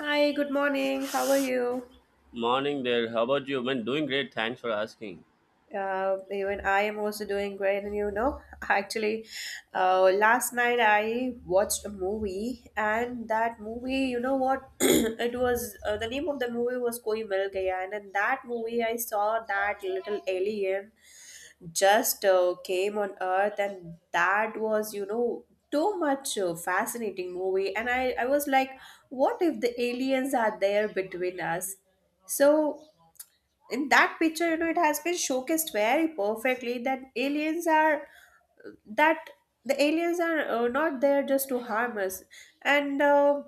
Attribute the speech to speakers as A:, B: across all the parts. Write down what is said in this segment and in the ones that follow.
A: Hi, good morning. How are you?
B: Morning there. How about you? Man, doing great. Thanks for asking.
A: Even I am also doing great. And actually, last night I watched a movie, and that movie, you know what? it was the name of the movie was Koi Mil Gaya, and in that movie, I saw that little alien just came on Earth, and that was too much fascinating movie. And I was like, what if the aliens are there between us? So in that picture it has been showcased very perfectly that aliens are that the aliens are not there just to harm us, and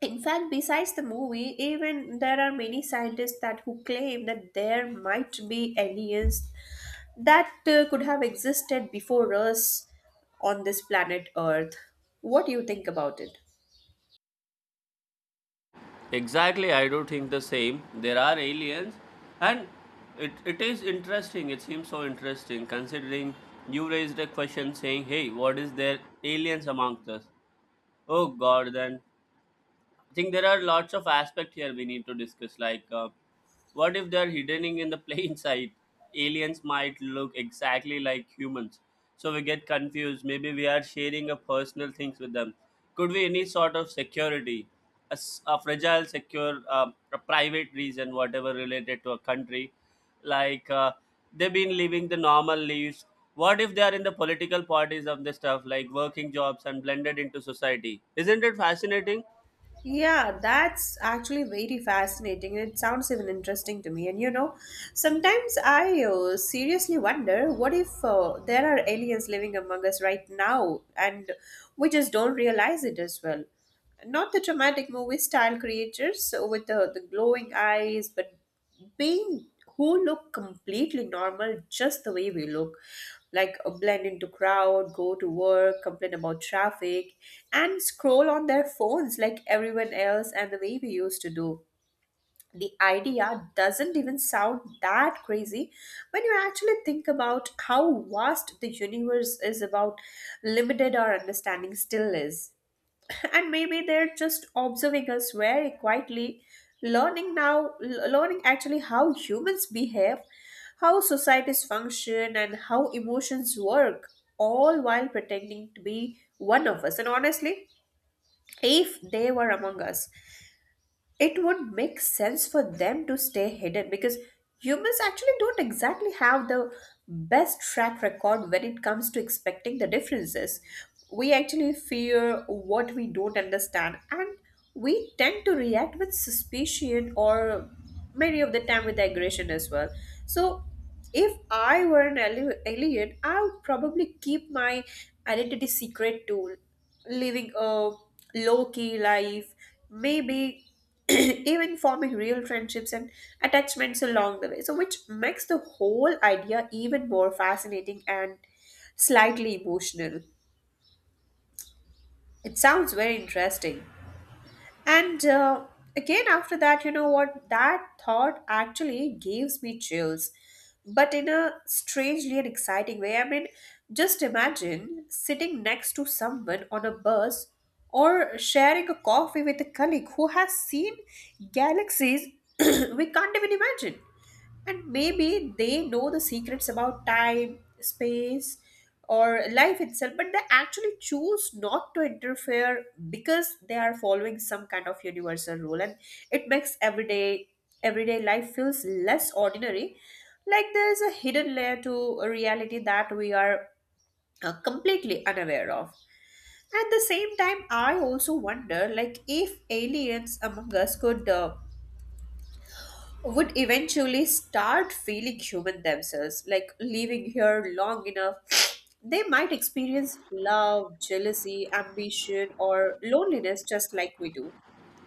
A: in fact, besides the movie, even there are many scientists that who claim that there might be aliens that could have existed before us on this planet Earth. What do you think about it?
B: Exactly, I do think the same. There are aliens, and it is interesting. It seems so interesting considering you raised a question saying, "Hey, what is there aliens amongst us?" Oh God, then I think there are lots of aspects here we need to discuss. Like, what if they're hidden in the plain sight? Aliens might look exactly like humans, so we get confused. Maybe we are sharing a personal things with them. Could be any sort of security, a fragile, secure, a private reason, whatever related to a country. Like they've been living the normal lives. What if they are in the political parties of the stuff, like working jobs and blended into society? Isn't it fascinating?
A: Yeah, that's actually very fascinating. It sounds even interesting to me. And sometimes I seriously wonder what if there are aliens living among us right now, and we just don't realize it as well. Not the dramatic movie style creatures with the glowing eyes, but being who look completely normal, just the way we look. Like blend into crowd, go to work, complain about traffic, and scroll on their phones like everyone else and the way we used to do. The idea doesn't even sound that crazy when you actually think about how vast the universe is, about limited our understanding still is. And maybe they're just observing us very quietly, learning now, learning actually how humans behave, how societies function, and how emotions work, all while pretending to be one of us. And honestly, if they were among us, it would make sense for them to stay hidden, because humans actually don't exactly have the best track record when it comes to expecting the differences. We actually fear what we don't understand, and we tend to react with suspicion or many of the time with aggression as well. So, if I were an alien, I would probably keep my identity secret too, living a low key life, maybe even forming real friendships and attachments along the way. So, which makes the whole idea even more fascinating and slightly emotional. It sounds very interesting. And again, after that, you know what? That thought actually gives me chills, but in a strangely and exciting way. I mean, just imagine sitting next to someone on a bus or sharing a coffee with a colleague who has seen galaxies we can't even imagine. And maybe they know the secrets about time, space, or life itself, but they actually choose not to interfere because they are following some kind of universal rule, and it makes everyday life feels less ordinary. Like there is a hidden layer to a reality that we are completely unaware of. At the same time, I also wonder, like, if aliens among us could. Would eventually start feeling human themselves, like living here long enough. They might experience love, jealousy, ambition, or loneliness just like we do.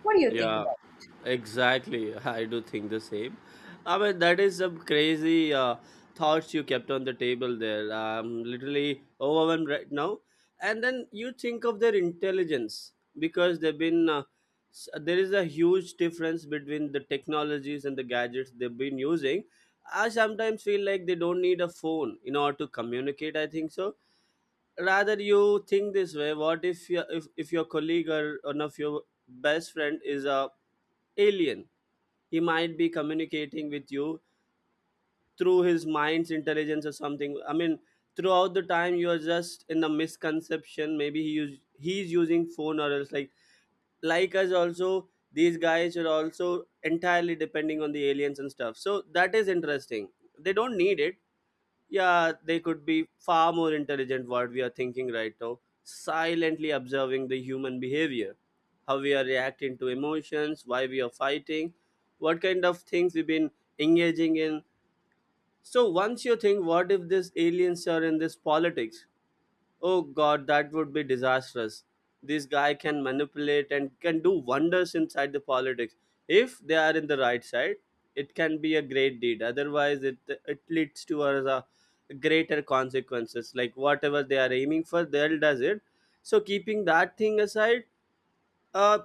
A: What do you think
B: Yeah,
A: about
B: exactly. I do think the same. I mean, that is some crazy thoughts you kept on the table there. I'm literally overwhelmed right now. And then you think of their intelligence because they've been there is a huge difference between the technologies and the gadgets they've been using. I sometimes feel like they don't need a phone in order to communicate. I think so, rather you think this way, what if your if your colleague or one of your best friend is a alien? He might be communicating with you through his mind's intelligence or something. I mean, throughout the time you are just in a misconception. Maybe he's using phone or else, like us, also these guys are also entirely depending on the aliens and stuff, so that is interesting. They don't need it. Yeah, they could be far more intelligent what we are thinking right now, silently observing the human behavior, how we are reacting to emotions, why we are fighting, what kind of things we've been engaging in. So once you think, what if these aliens are in this politics? Oh God, that would be disastrous. This guy can manipulate and can do wonders inside the politics. If they are in the right side, it can be a great deed. Otherwise, it leads to a greater consequences. Like whatever they are aiming for, they'll does it. So keeping that thing aside, uh,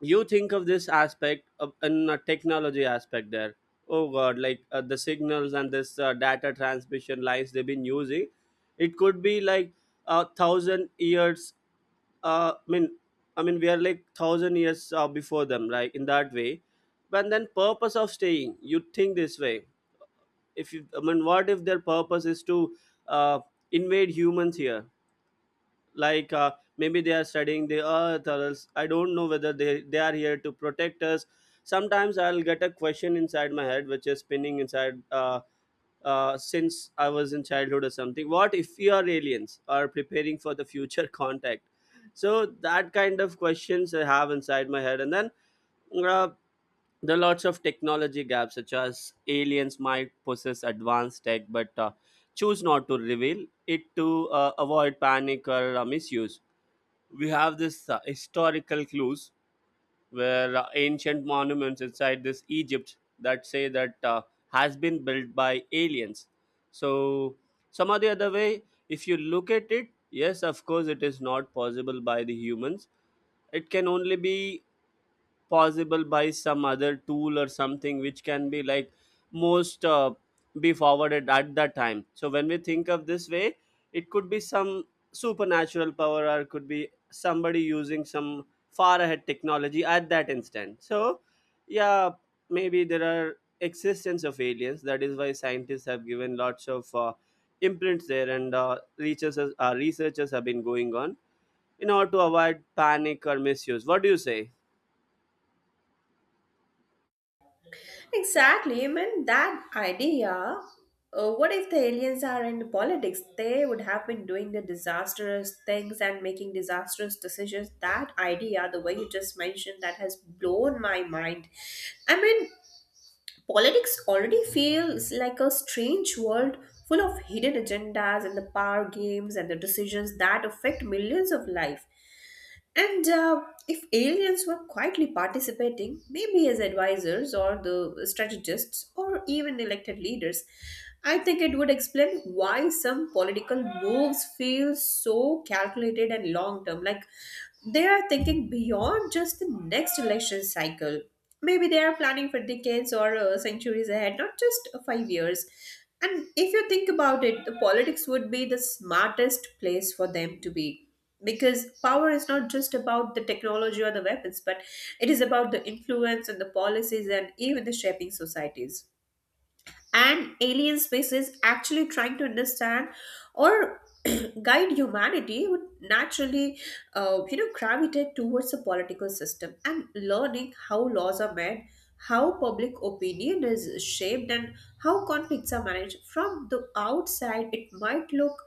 B: you think of this aspect of, in a technology aspect there. Oh God, like the signals and this data transmission lines they've been using, it could be like a thousand years. Uh, i mean i mean we are like thousand years before them, like in that way. But then purpose of staying, you think this way. If you, I mean, what if their purpose is to uh, invade humans here, like maybe they are studying the Earth, or else I don't know whether they are here to protect us. Sometimes I'll get a question inside my head which is spinning inside since I was in childhood or something, what if we are aliens or preparing for the future contact? So that kind of questions I have inside my head. And then uh, there are lots of technology gaps, such as aliens might possess advanced tech but choose not to reveal it to avoid panic or misuse. We have this historical clues where ancient monuments inside this Egypt that say that has been built by aliens. So some or the other way, if you look at it, yes, of course, it is not possible by the humans. It can only be possible by some other tool or something which can be like most be forwarded at that time. So when we think of this way, it could be some supernatural power, or could be somebody using some far ahead technology at that instant. So yeah, maybe there are existence of aliens. That is why scientists have given lots of imprints there, and researchers have been going on in order to avoid panic or misuse. What do you say?
A: it? Exactly. I mean, that idea. What if the aliens are in politics? They would have been doing the disastrous things and making disastrous decisions. That idea, the way you just mentioned, that has blown my mind. I mean, politics already feels like a strange world full of hidden agendas and the power games and the decisions that affect millions of lives. And if aliens were quietly participating, maybe as advisors or the strategists or even elected leaders, I think it would explain why some political moves feel so calculated and long term. Like they are thinking beyond just the next election cycle. Maybe they are planning for decades or centuries ahead, not just 5 years. And if you think about it, the politics would be the smartest place for them to be. Because power is not just about the technology or the weapons, but it is about the influence and the policies and even the shaping societies, and alien species actually trying to understand or guide humanity would naturally gravitate towards a political system, and learning how laws are made, how public opinion is shaped, and how conflicts are managed. From the outside it might look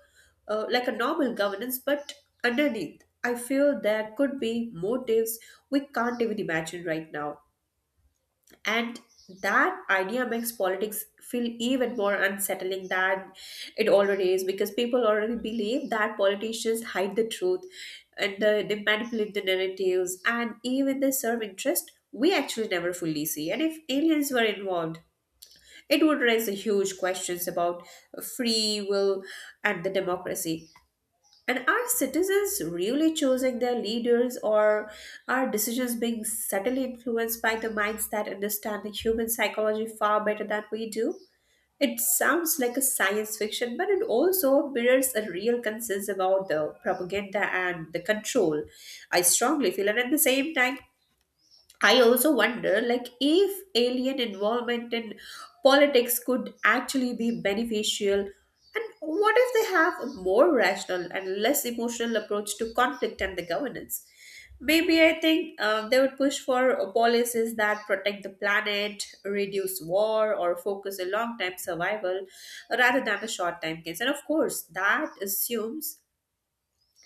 A: like a normal governance, but underneath I feel there could be motives we can't even imagine right now. And that idea makes politics feel even more unsettling than it already is, because people already believe that politicians hide the truth, and they manipulate the narratives, and even they serve interest we actually never fully see. And if aliens were involved, it would raise a huge questions about free will and the democracy. And are citizens really choosing their leaders, or are decisions being subtly influenced by the minds that understand the human psychology far better than we do? It sounds like a science fiction, but it also mirrors a real concerns about the propaganda and the control. I strongly feel, and at the same time, I also wonder, like, if alien involvement in politics could actually be beneficial, and what if they have a more rational and less emotional approach to conflict and the governance? Maybe I think they would push for policies that protect the planet, reduce war, or focus on long-term survival rather than a short-term gains. And of course, that assumes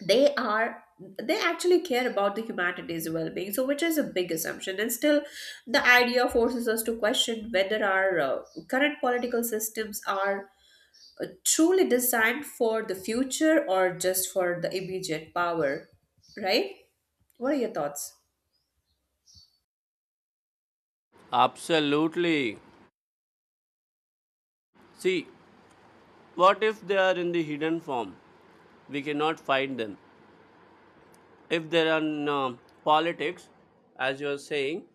A: they are, they actually care about the humanity's well-being, so which is a big assumption. And still, the idea forces us to question whether our current political systems are truly designed for the future or just for the immediate power, right? What are your thoughts?
B: Absolutely. See, what if they are in the hidden form? We cannot find them. If there are no politics, as you are saying,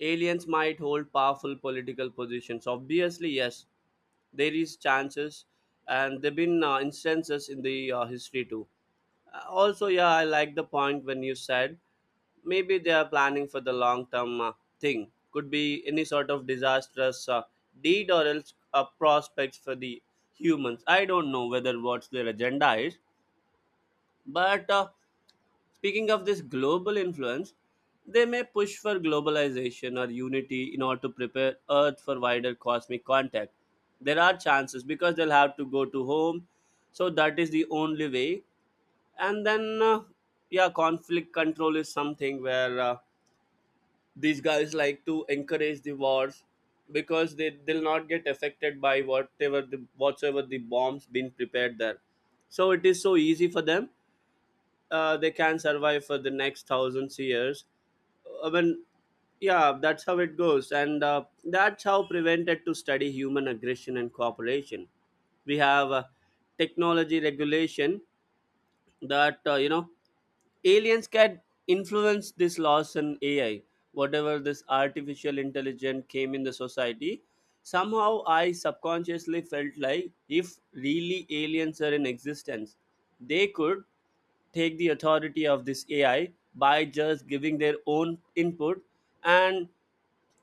B: aliens might hold powerful political positions. Obviously, yes, there is chances, and there've been instances in the history too. Also, yeah, I like the point when you said maybe they are planning for the long term thing. Could be any sort of disastrous deed or else prospects for the humans. I don't know whether what's their agenda is, but. Speaking of this global influence, they may push for globalization or unity in order to prepare Earth for wider cosmic contact. There are chances because they'll have to go to home, so that is the only way. And then, yeah, conflict control is something where these guys like to encourage the wars, because they'll not get affected by whatever the whatsoever the bombs been prepared there. So it is so easy for them. They can survive for the next thousands years. I mean, yeah, that's how it goes, and that's how prevented to study human aggression and cooperation. We have technology regulation that, you know, aliens can influence this laws and AI, whatever this artificial intelligence came in the society. Somehow I subconsciously felt like if really aliens are in existence, they could take the authority of this AI by just giving their own input, and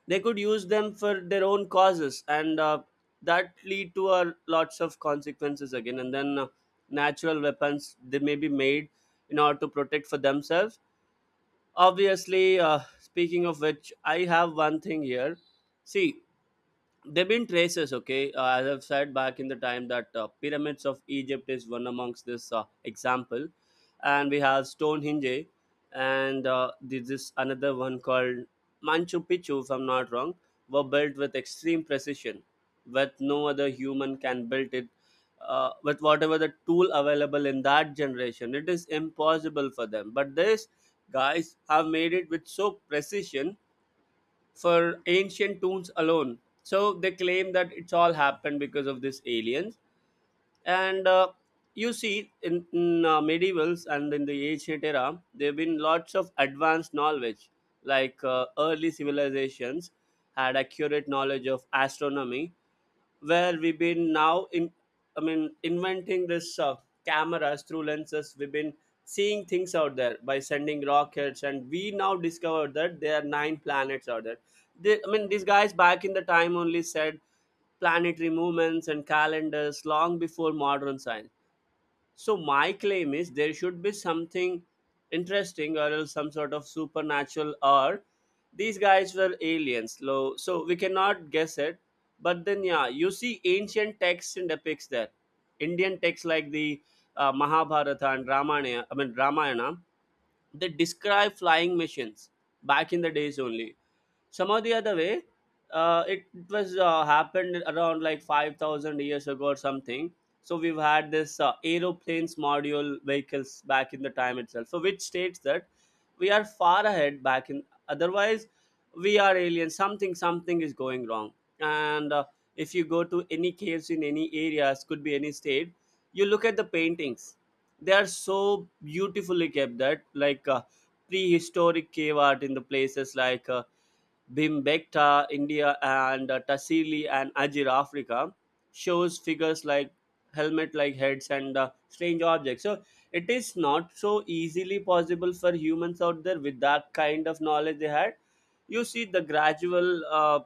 B: they could use them for their own causes. And that lead to lots of consequences again. And then natural weapons they may be made in order to protect for themselves, obviously. Speaking of which, I have one thing here. See, there have been traces, okay. As I've said back in the time that pyramids of Egypt is one amongst this example. And we have Stonehenge, and this is another one called Manchu Picchu if I'm not wrong, were built with extreme precision with no other human can build it, with whatever the tool available in that generation it is impossible for them, but these guys have made it with so precision for ancient tombs alone. So they claim that it's all happened because of these aliens. And you see, in medievals and in the ancient era, there have been lots of advanced knowledge, like early civilizations had accurate knowledge of astronomy where we've been now in, I mean, inventing this cameras through lenses. We've been seeing things out there by sending rockets, and we now discovered that there are nine planets out there. I mean, these guys back in the time only said planetary movements and calendars long before modern science. So my claim is there should be something interesting or else some sort of supernatural, or these guys were aliens. So we cannot guess it. But then yeah, you see ancient texts and epics there. Indian texts like the Mahabharata and Ramayana, I mean Ramayana, they describe flying machines back in the days only. Somehow the other way it was happened around like 5,000 years ago or something. So we've had this aeroplanes module vehicles back in the time itself, so which states that we are far ahead back in. Otherwise we are aliens, something is going wrong. And if you go to any caves in any areas, could be any state, you look at the paintings, they are so beautifully kept that, like prehistoric cave art in the places like Bimbekta, India, and Tassili and Ajir, Africa, shows figures like helmet like heads and strange objects. So it is not so easily possible for humans out there with that kind of knowledge they had. You see the gradual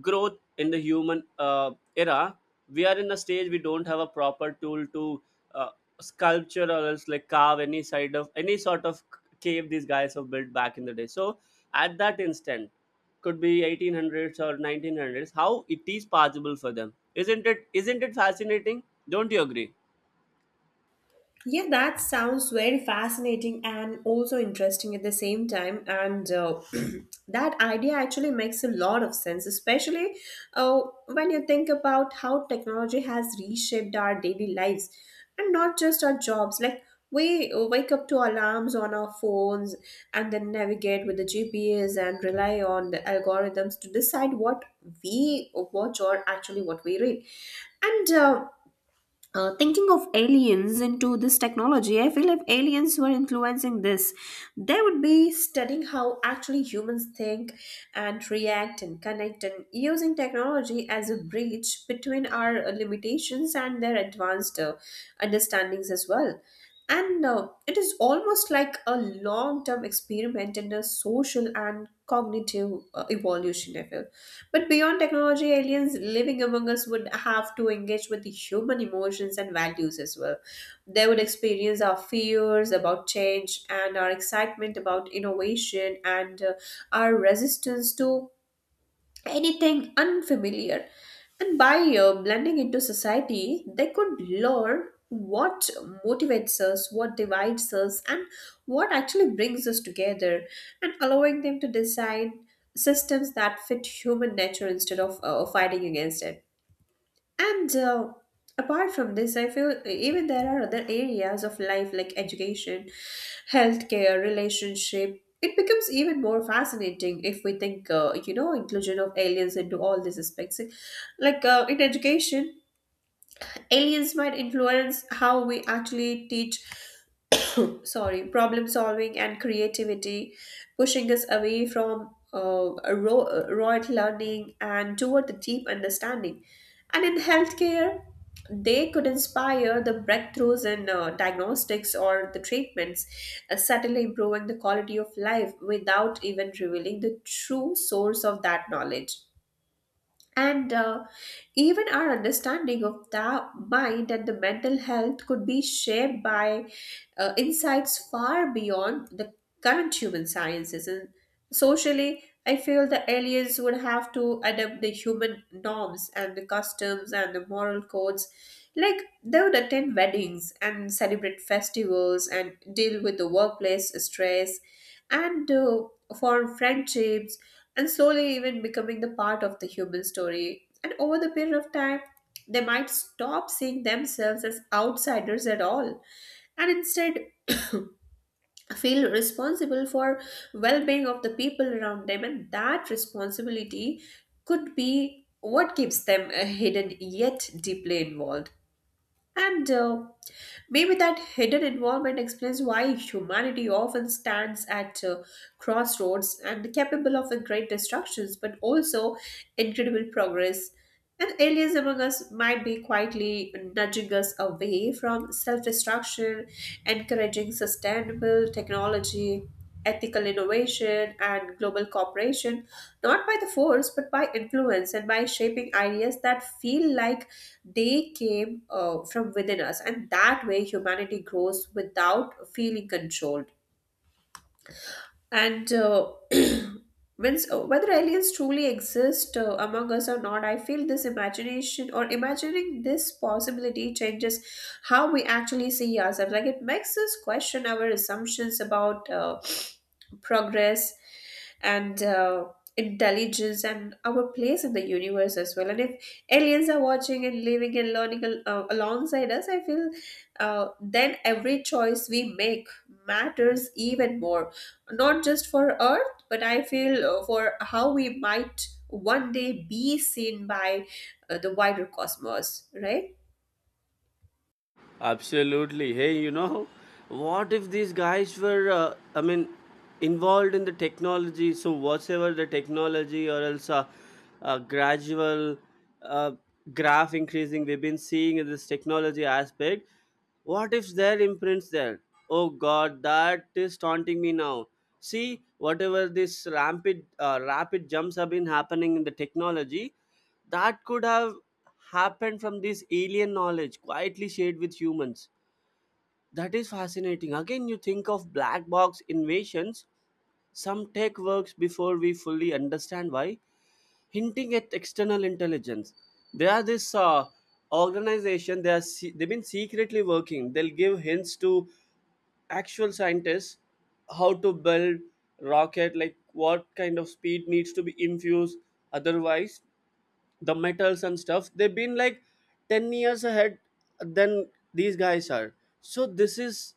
B: growth in the human era. We are in a stage, we don't have a proper tool to uh, sculpture or else like carve any side of any sort of cave these guys have built back in the day. So at that instant, could be 1800s or 1900s, how it is possible for them? Isn't it fascinating? Don't you agree?
A: Yeah, that sounds very fascinating and also interesting at the same time. And that idea actually makes a lot of sense, especially when you think about how technology has reshaped our daily lives and not just our jobs. Like, we wake up to alarms on our phones and then navigate with the GPS and rely on the algorithms to decide what we watch or actually what we read. And thinking of aliens into this technology, I feel if aliens were influencing this, they would be studying how actually humans think and react and connect, and using technology as a bridge between our limitations and their advanced understandings as well. And it is almost like a long term experiment in a social and cognitive evolution, I feel. But beyond technology, aliens living among us would have to engage with the human emotions and values as well. They would experience our fears about change and our excitement about innovation, and our resistance to anything unfamiliar. And by blending into society, they could learn what motivates us, what divides us, and what actually brings us together, and allowing them to design systems that fit human nature instead of fighting against it. And apart from this, I feel even there are other areas of life like education, healthcare, relationship. It becomes even more fascinating if we think, inclusion of aliens into all these aspects. Like in education, aliens might influence how we actually teach, sorry, problem solving and creativity, pushing us away from rote learning and toward the deep understanding. And in healthcare, they could inspire the breakthroughs in diagnostics or the treatments, subtly improving the quality of life without even revealing the true source of that knowledge. And even our understanding of the mind and the mental health could be shaped by insights far beyond the current human sciences. And socially, I feel the aliens would have to adapt the human norms and the customs and the moral codes. Like they would attend weddings and celebrate festivals and deal with the workplace stress, and form friendships and slowly even becoming the part of the human story. And over the period of time, they might stop seeing themselves as outsiders at all, and instead feel responsible for well-being of the people around them, and that responsibility could be what keeps them hidden yet deeply involved and Maybe that hidden involvement explains why humanity often stands at crossroads and capable of great destructions, but also incredible progress. And aliens among us might be quietly nudging us away from self destruction, encouraging sustainable technology, ethical innovation, and global cooperation, not by the force, but by influence and by shaping ideas that feel like they came from within us. And that way, humanity grows without feeling controlled. And So whether aliens truly exist among us or not, I feel this imagination, or imagining this possibility, changes how we actually see ourselves. Like it makes us question our assumptions about progress and intelligence and our place in the universe as well. And if aliens are watching and living and alongside us, I feel then every choice we make matters even more, not just for Earth, but I feel for how we might one day be seen by the wider cosmos, right?
B: Absolutely. Hey, you know, what if these guys were, I mean, involved in the technology? So, whatever the technology, or else a gradual uh, graph increasing we've been seeing in this technology aspect, what if their imprints there? Oh God, that is taunting me now. See, whatever this rapid jumps have been happening in the technology, that could have happened from this alien knowledge quietly shared with humans. That is fascinating. Again, you think of black box invasions, some tech works before we fully understand why, hinting at external intelligence. They are this organization, they've been secretly working. They'll give hints to actual scientists how to build rocket, like what kind of speed needs to be infused. Otherwise the metals and stuff, they've been like 10 years ahead than these guys are. So this is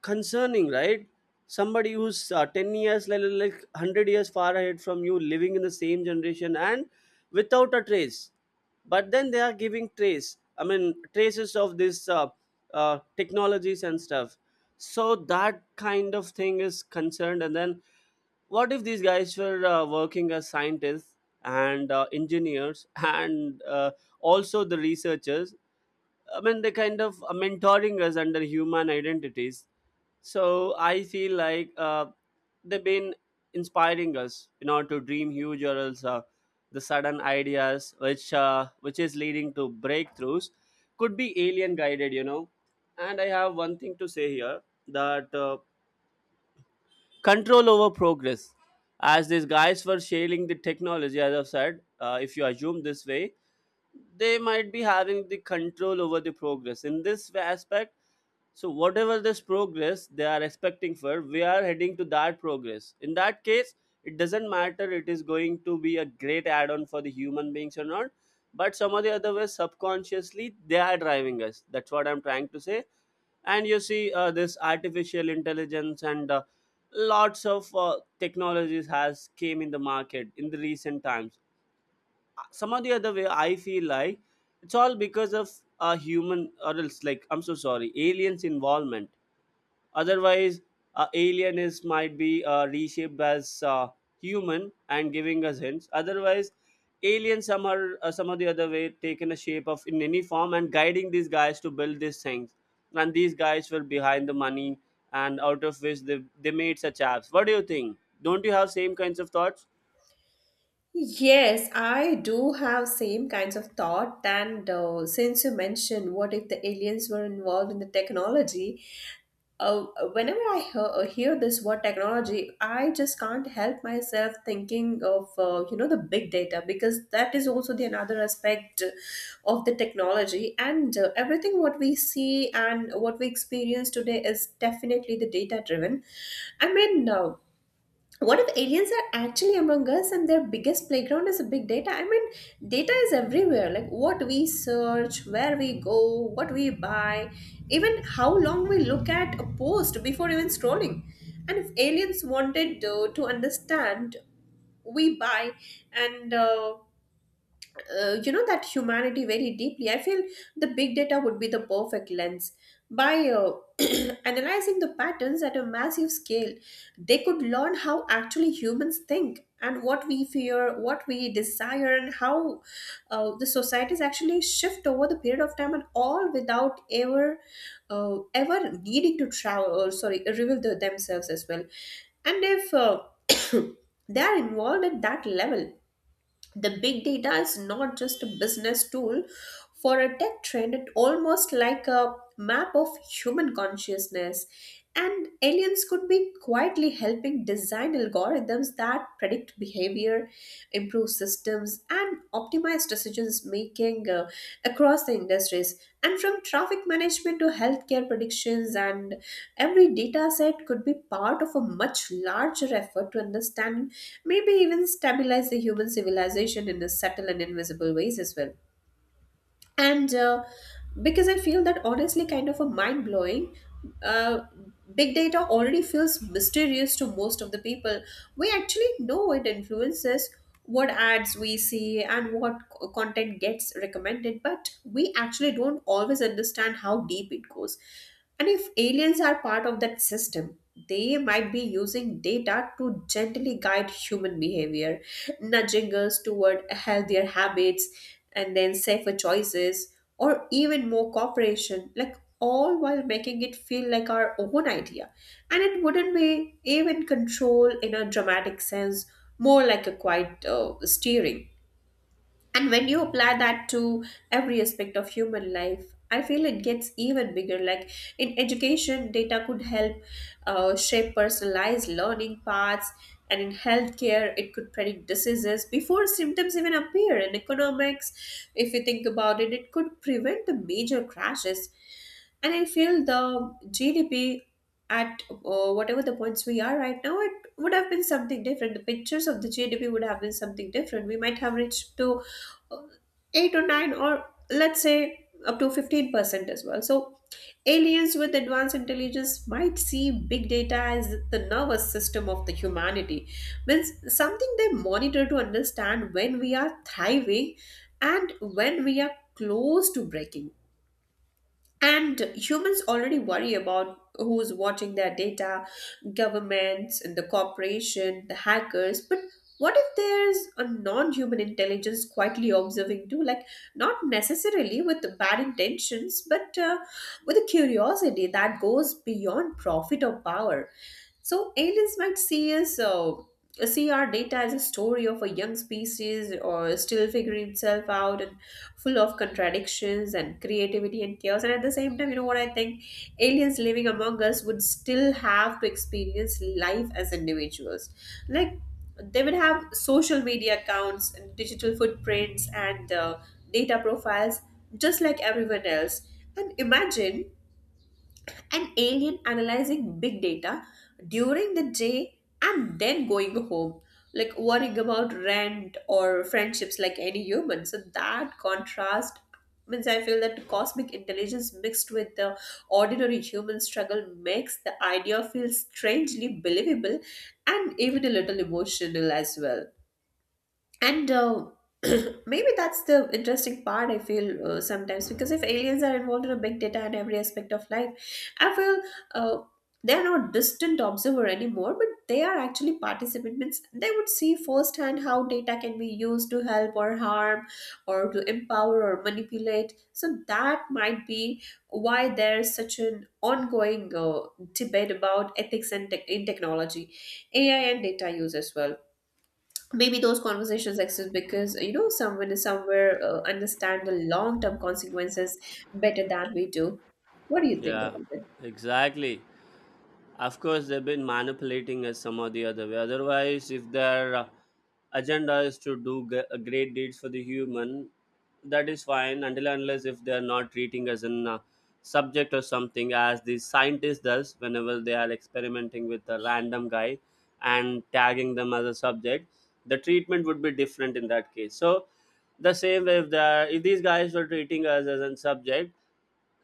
B: concerning, right? Somebody who's 10 years, like 100 years far ahead from you, living in the same generation and without a trace, but then they are giving trace, I mean traces of this technologies and stuff. So that kind of thing is concerned. And then what if these guys were working as scientists and engineers and also the researchers, I mean, they kind of mentoring us under human identities. So I feel like they've been inspiring us, you know, to dream huge, or else the sudden ideas which is leading to breakthroughs could be alien guided, you know. And I have one thing to say here, that control over progress, as these guys were sharing the technology, as I've said, if you assume this way, they might be having the control over the progress in this aspect. So whatever this progress they are expecting for, we are heading to that progress. In that case, it doesn't matter, it is going to be a great add-on for the human beings or not, but some of the other ways subconsciously they are driving us, that's what I'm trying to say. And you see, this artificial intelligence and lots of technologies has came in the market in the recent times. Some of the other way I feel like it's all because of a human, or else like, I'm so sorry, aliens involvement. Otherwise, alien is might be reshaped as human and giving us hints. Otherwise, alien somehow, some of the other way taken a shape of in any form and guiding these guys to build these things. And these guys were behind the money, and out of which they made such apps. What do you think? Don't you have same kinds of thoughts?
A: Yes, I do have same kinds of thought. And since you mentioned, what if the aliens were involved in the technology? uh, Whenever I hear this word technology, I just can't help myself thinking of you know the big data, because that is also the another aspect of the technology. And everything what we see and what we experience today is definitely the data driven. I mean, uh, what if aliens are actually among us and their biggest playground is a big data? I mean, data is everywhere, like what we search, where we go, what we buy, even how long we look at a post before even scrolling. And if aliens wanted to understand we buy and you know that humanity very deeply, I feel the big data would be the perfect lens by analyzing the patterns at a massive scale. They could learn how actually humans think, and what we fear, what we desire, and how the societies actually shift over the period of time, and all without ever ever needing to travel or sorry reveal the, themselves as well. And if they are involved at that level, the big data is not just a business tool for a tech trend, it almost like a map of human consciousness. And aliens could be quietly helping design algorithms that predict behavior, improve systems, and optimize decisions making across the industries. And from traffic management to healthcare predictions, and every data set could be part of a much larger effort to understand, maybe even stabilize the human civilization in a subtle and invisible ways as well. And because I feel that honestly kind of a mind blowing. uh, Big data already feels mysterious to most of the people. We actually know it influences what ads we see and content gets recommended, but we actually don't always understand how deep it goes. And if aliens are part of that system, they might be using data to gently guide human behavior, nudging us toward healthier habits and then safer choices, or even more cooperation, like all while making it feel like our own idea. And it wouldn't be even control in a dramatic sense, more like a quiet steering. And when you apply that to every aspect of human life, I feel it gets even bigger. Like in education, data could help shape personalized learning paths, and in healthcare, it could predict diseases before symptoms even appear. In economics, if you think about it, it could prevent the major crashes. And I feel the GDP at whatever the points we are right now, it would have been something different. The pictures of the GDP would have been something different. We might have reached to 8 or 9 or let's say up to 15% as well. So aliens with advanced intelligence might see big data as the nervous system of the humanity. Means something they monitor to understand when we are thriving and when we are close to breaking. And humans already worry about who's watching their data, governments and the corporation, the hackers. But what if there's a non human intelligence quietly observing too? Like, not necessarily with bad intentions, but with a curiosity that goes beyond profit or power. So aliens might see our data as a story of a young species or still figuring itself out, and full of contradictions and creativity and chaos. And at the same time, you know what I think? Aliens living among us would still have to experience life as individuals. Like they would have social media accounts and digital footprints and data profiles, just like everyone else. And imagine an alien analyzing big data during the day and then going home like worrying about rent or friendships like any human. So that contrast means I feel that cosmic intelligence mixed with the ordinary human struggle makes the idea feel strangely believable and even a little emotional as well. And maybe that's the interesting part I feel sometimes, because if aliens are involved in a big data in every aspect of life, I feel uh, they are not distant observer anymore, but they are actually participant. Means they would see firsthand how data can be used to help or harm, or to empower or manipulate. So that might be why there's such an ongoing debate about ethics and tech in technology, AI and data use as well. Maybe those conversations exist because you know someone is somewhere understand the long term consequences better than we do. What do you think
B: Yeah,
A: about it?
B: exactly. Of course, they've been manipulating us some or the other way. Otherwise, if their agenda is to do great deeds for the human, that is fine, until and unless if they are not treating us in a subject or something, as the scientist does whenever they are experimenting with a random guy and tagging them as a subject. The treatment would be different in that case. So the same way, if these guys were treating us as a subject,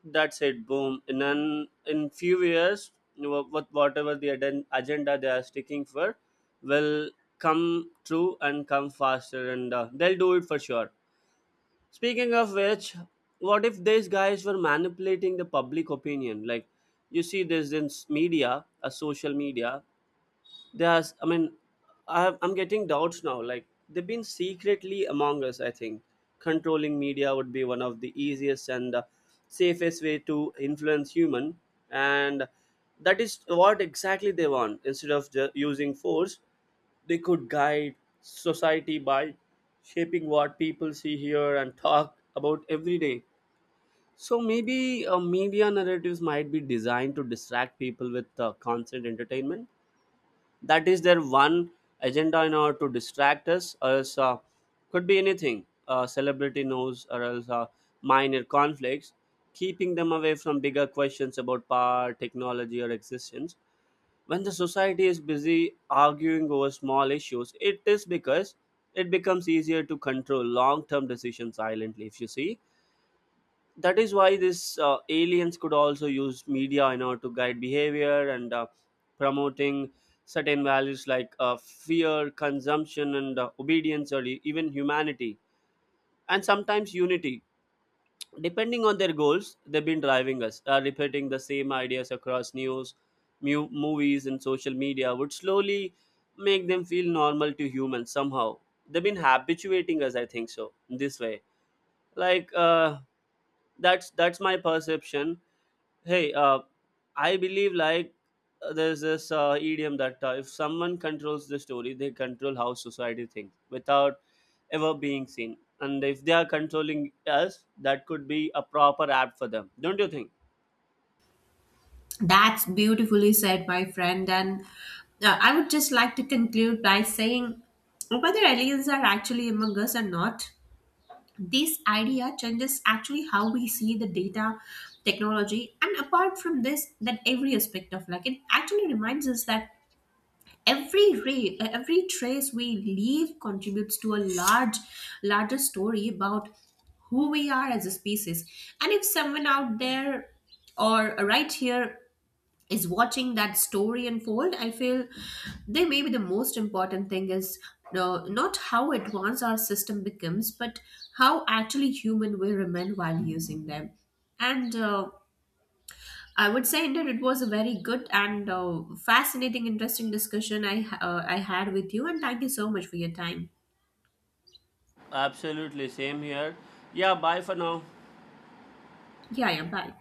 B: that's it. Boom. In few years, you know, with whatever the agenda they are sticking for, will come true and come faster, and they'll do it for sure. Speaking of which, what if these guys were manipulating the public opinion? Like, you see, this in s- media, a social media. There's, I mean, I, have, I'm getting doubts now. Like, they've been secretly among us. I think controlling media would be one of the easiest and safest way to influence human, and that is what exactly they want. Instead of using force, they could guide society by shaping what people see, hear, and talk about every day. So maybe media narratives might be designed to distract people with constant entertainment. That is their one agenda, in order to distract us. Or else, could be anything, celebrity news, or else minor conflicts, keeping them away from bigger questions about power, technology, or existence. When the society is busy arguing over small issues, it is because it becomes easier to control long term decisions silently, if you see. That is why these aliens could also use media in order to guide behavior and promoting certain values like fear, consumption, and obedience, or even humanity, and sometimes unity, depending on their goals. They've been driving us, repeating the same ideas across news, movies, and social media would slowly make them feel normal to humans. Somehow they've been habituating us, I think so, in this way. Like that's my perception. Hey, I believe like there's this idiom that, if someone controls the story, they control how society thinks without ever being seen. And if they are controlling us, that could be a proper app for them. Don't you think?
A: That's beautifully said, my friend. And I would just like to conclude by saying whether aliens are actually among us or not, this idea changes actually how we see the data technology. And apart from this, that every aspect of like it actually reminds us that every trace we leave contributes to a large larger story about who we are as a species. And if someone out there or right here is watching that story unfold, I feel they may be the most important thing is not how advanced our system becomes, but how actually human we remain while using them. And I would say that it was a very good and fascinating, interesting discussion I had with you, and thank you so much for your time.
B: Absolutely, same here. Yeah, bye for now.
A: Yeah, yeah, bye.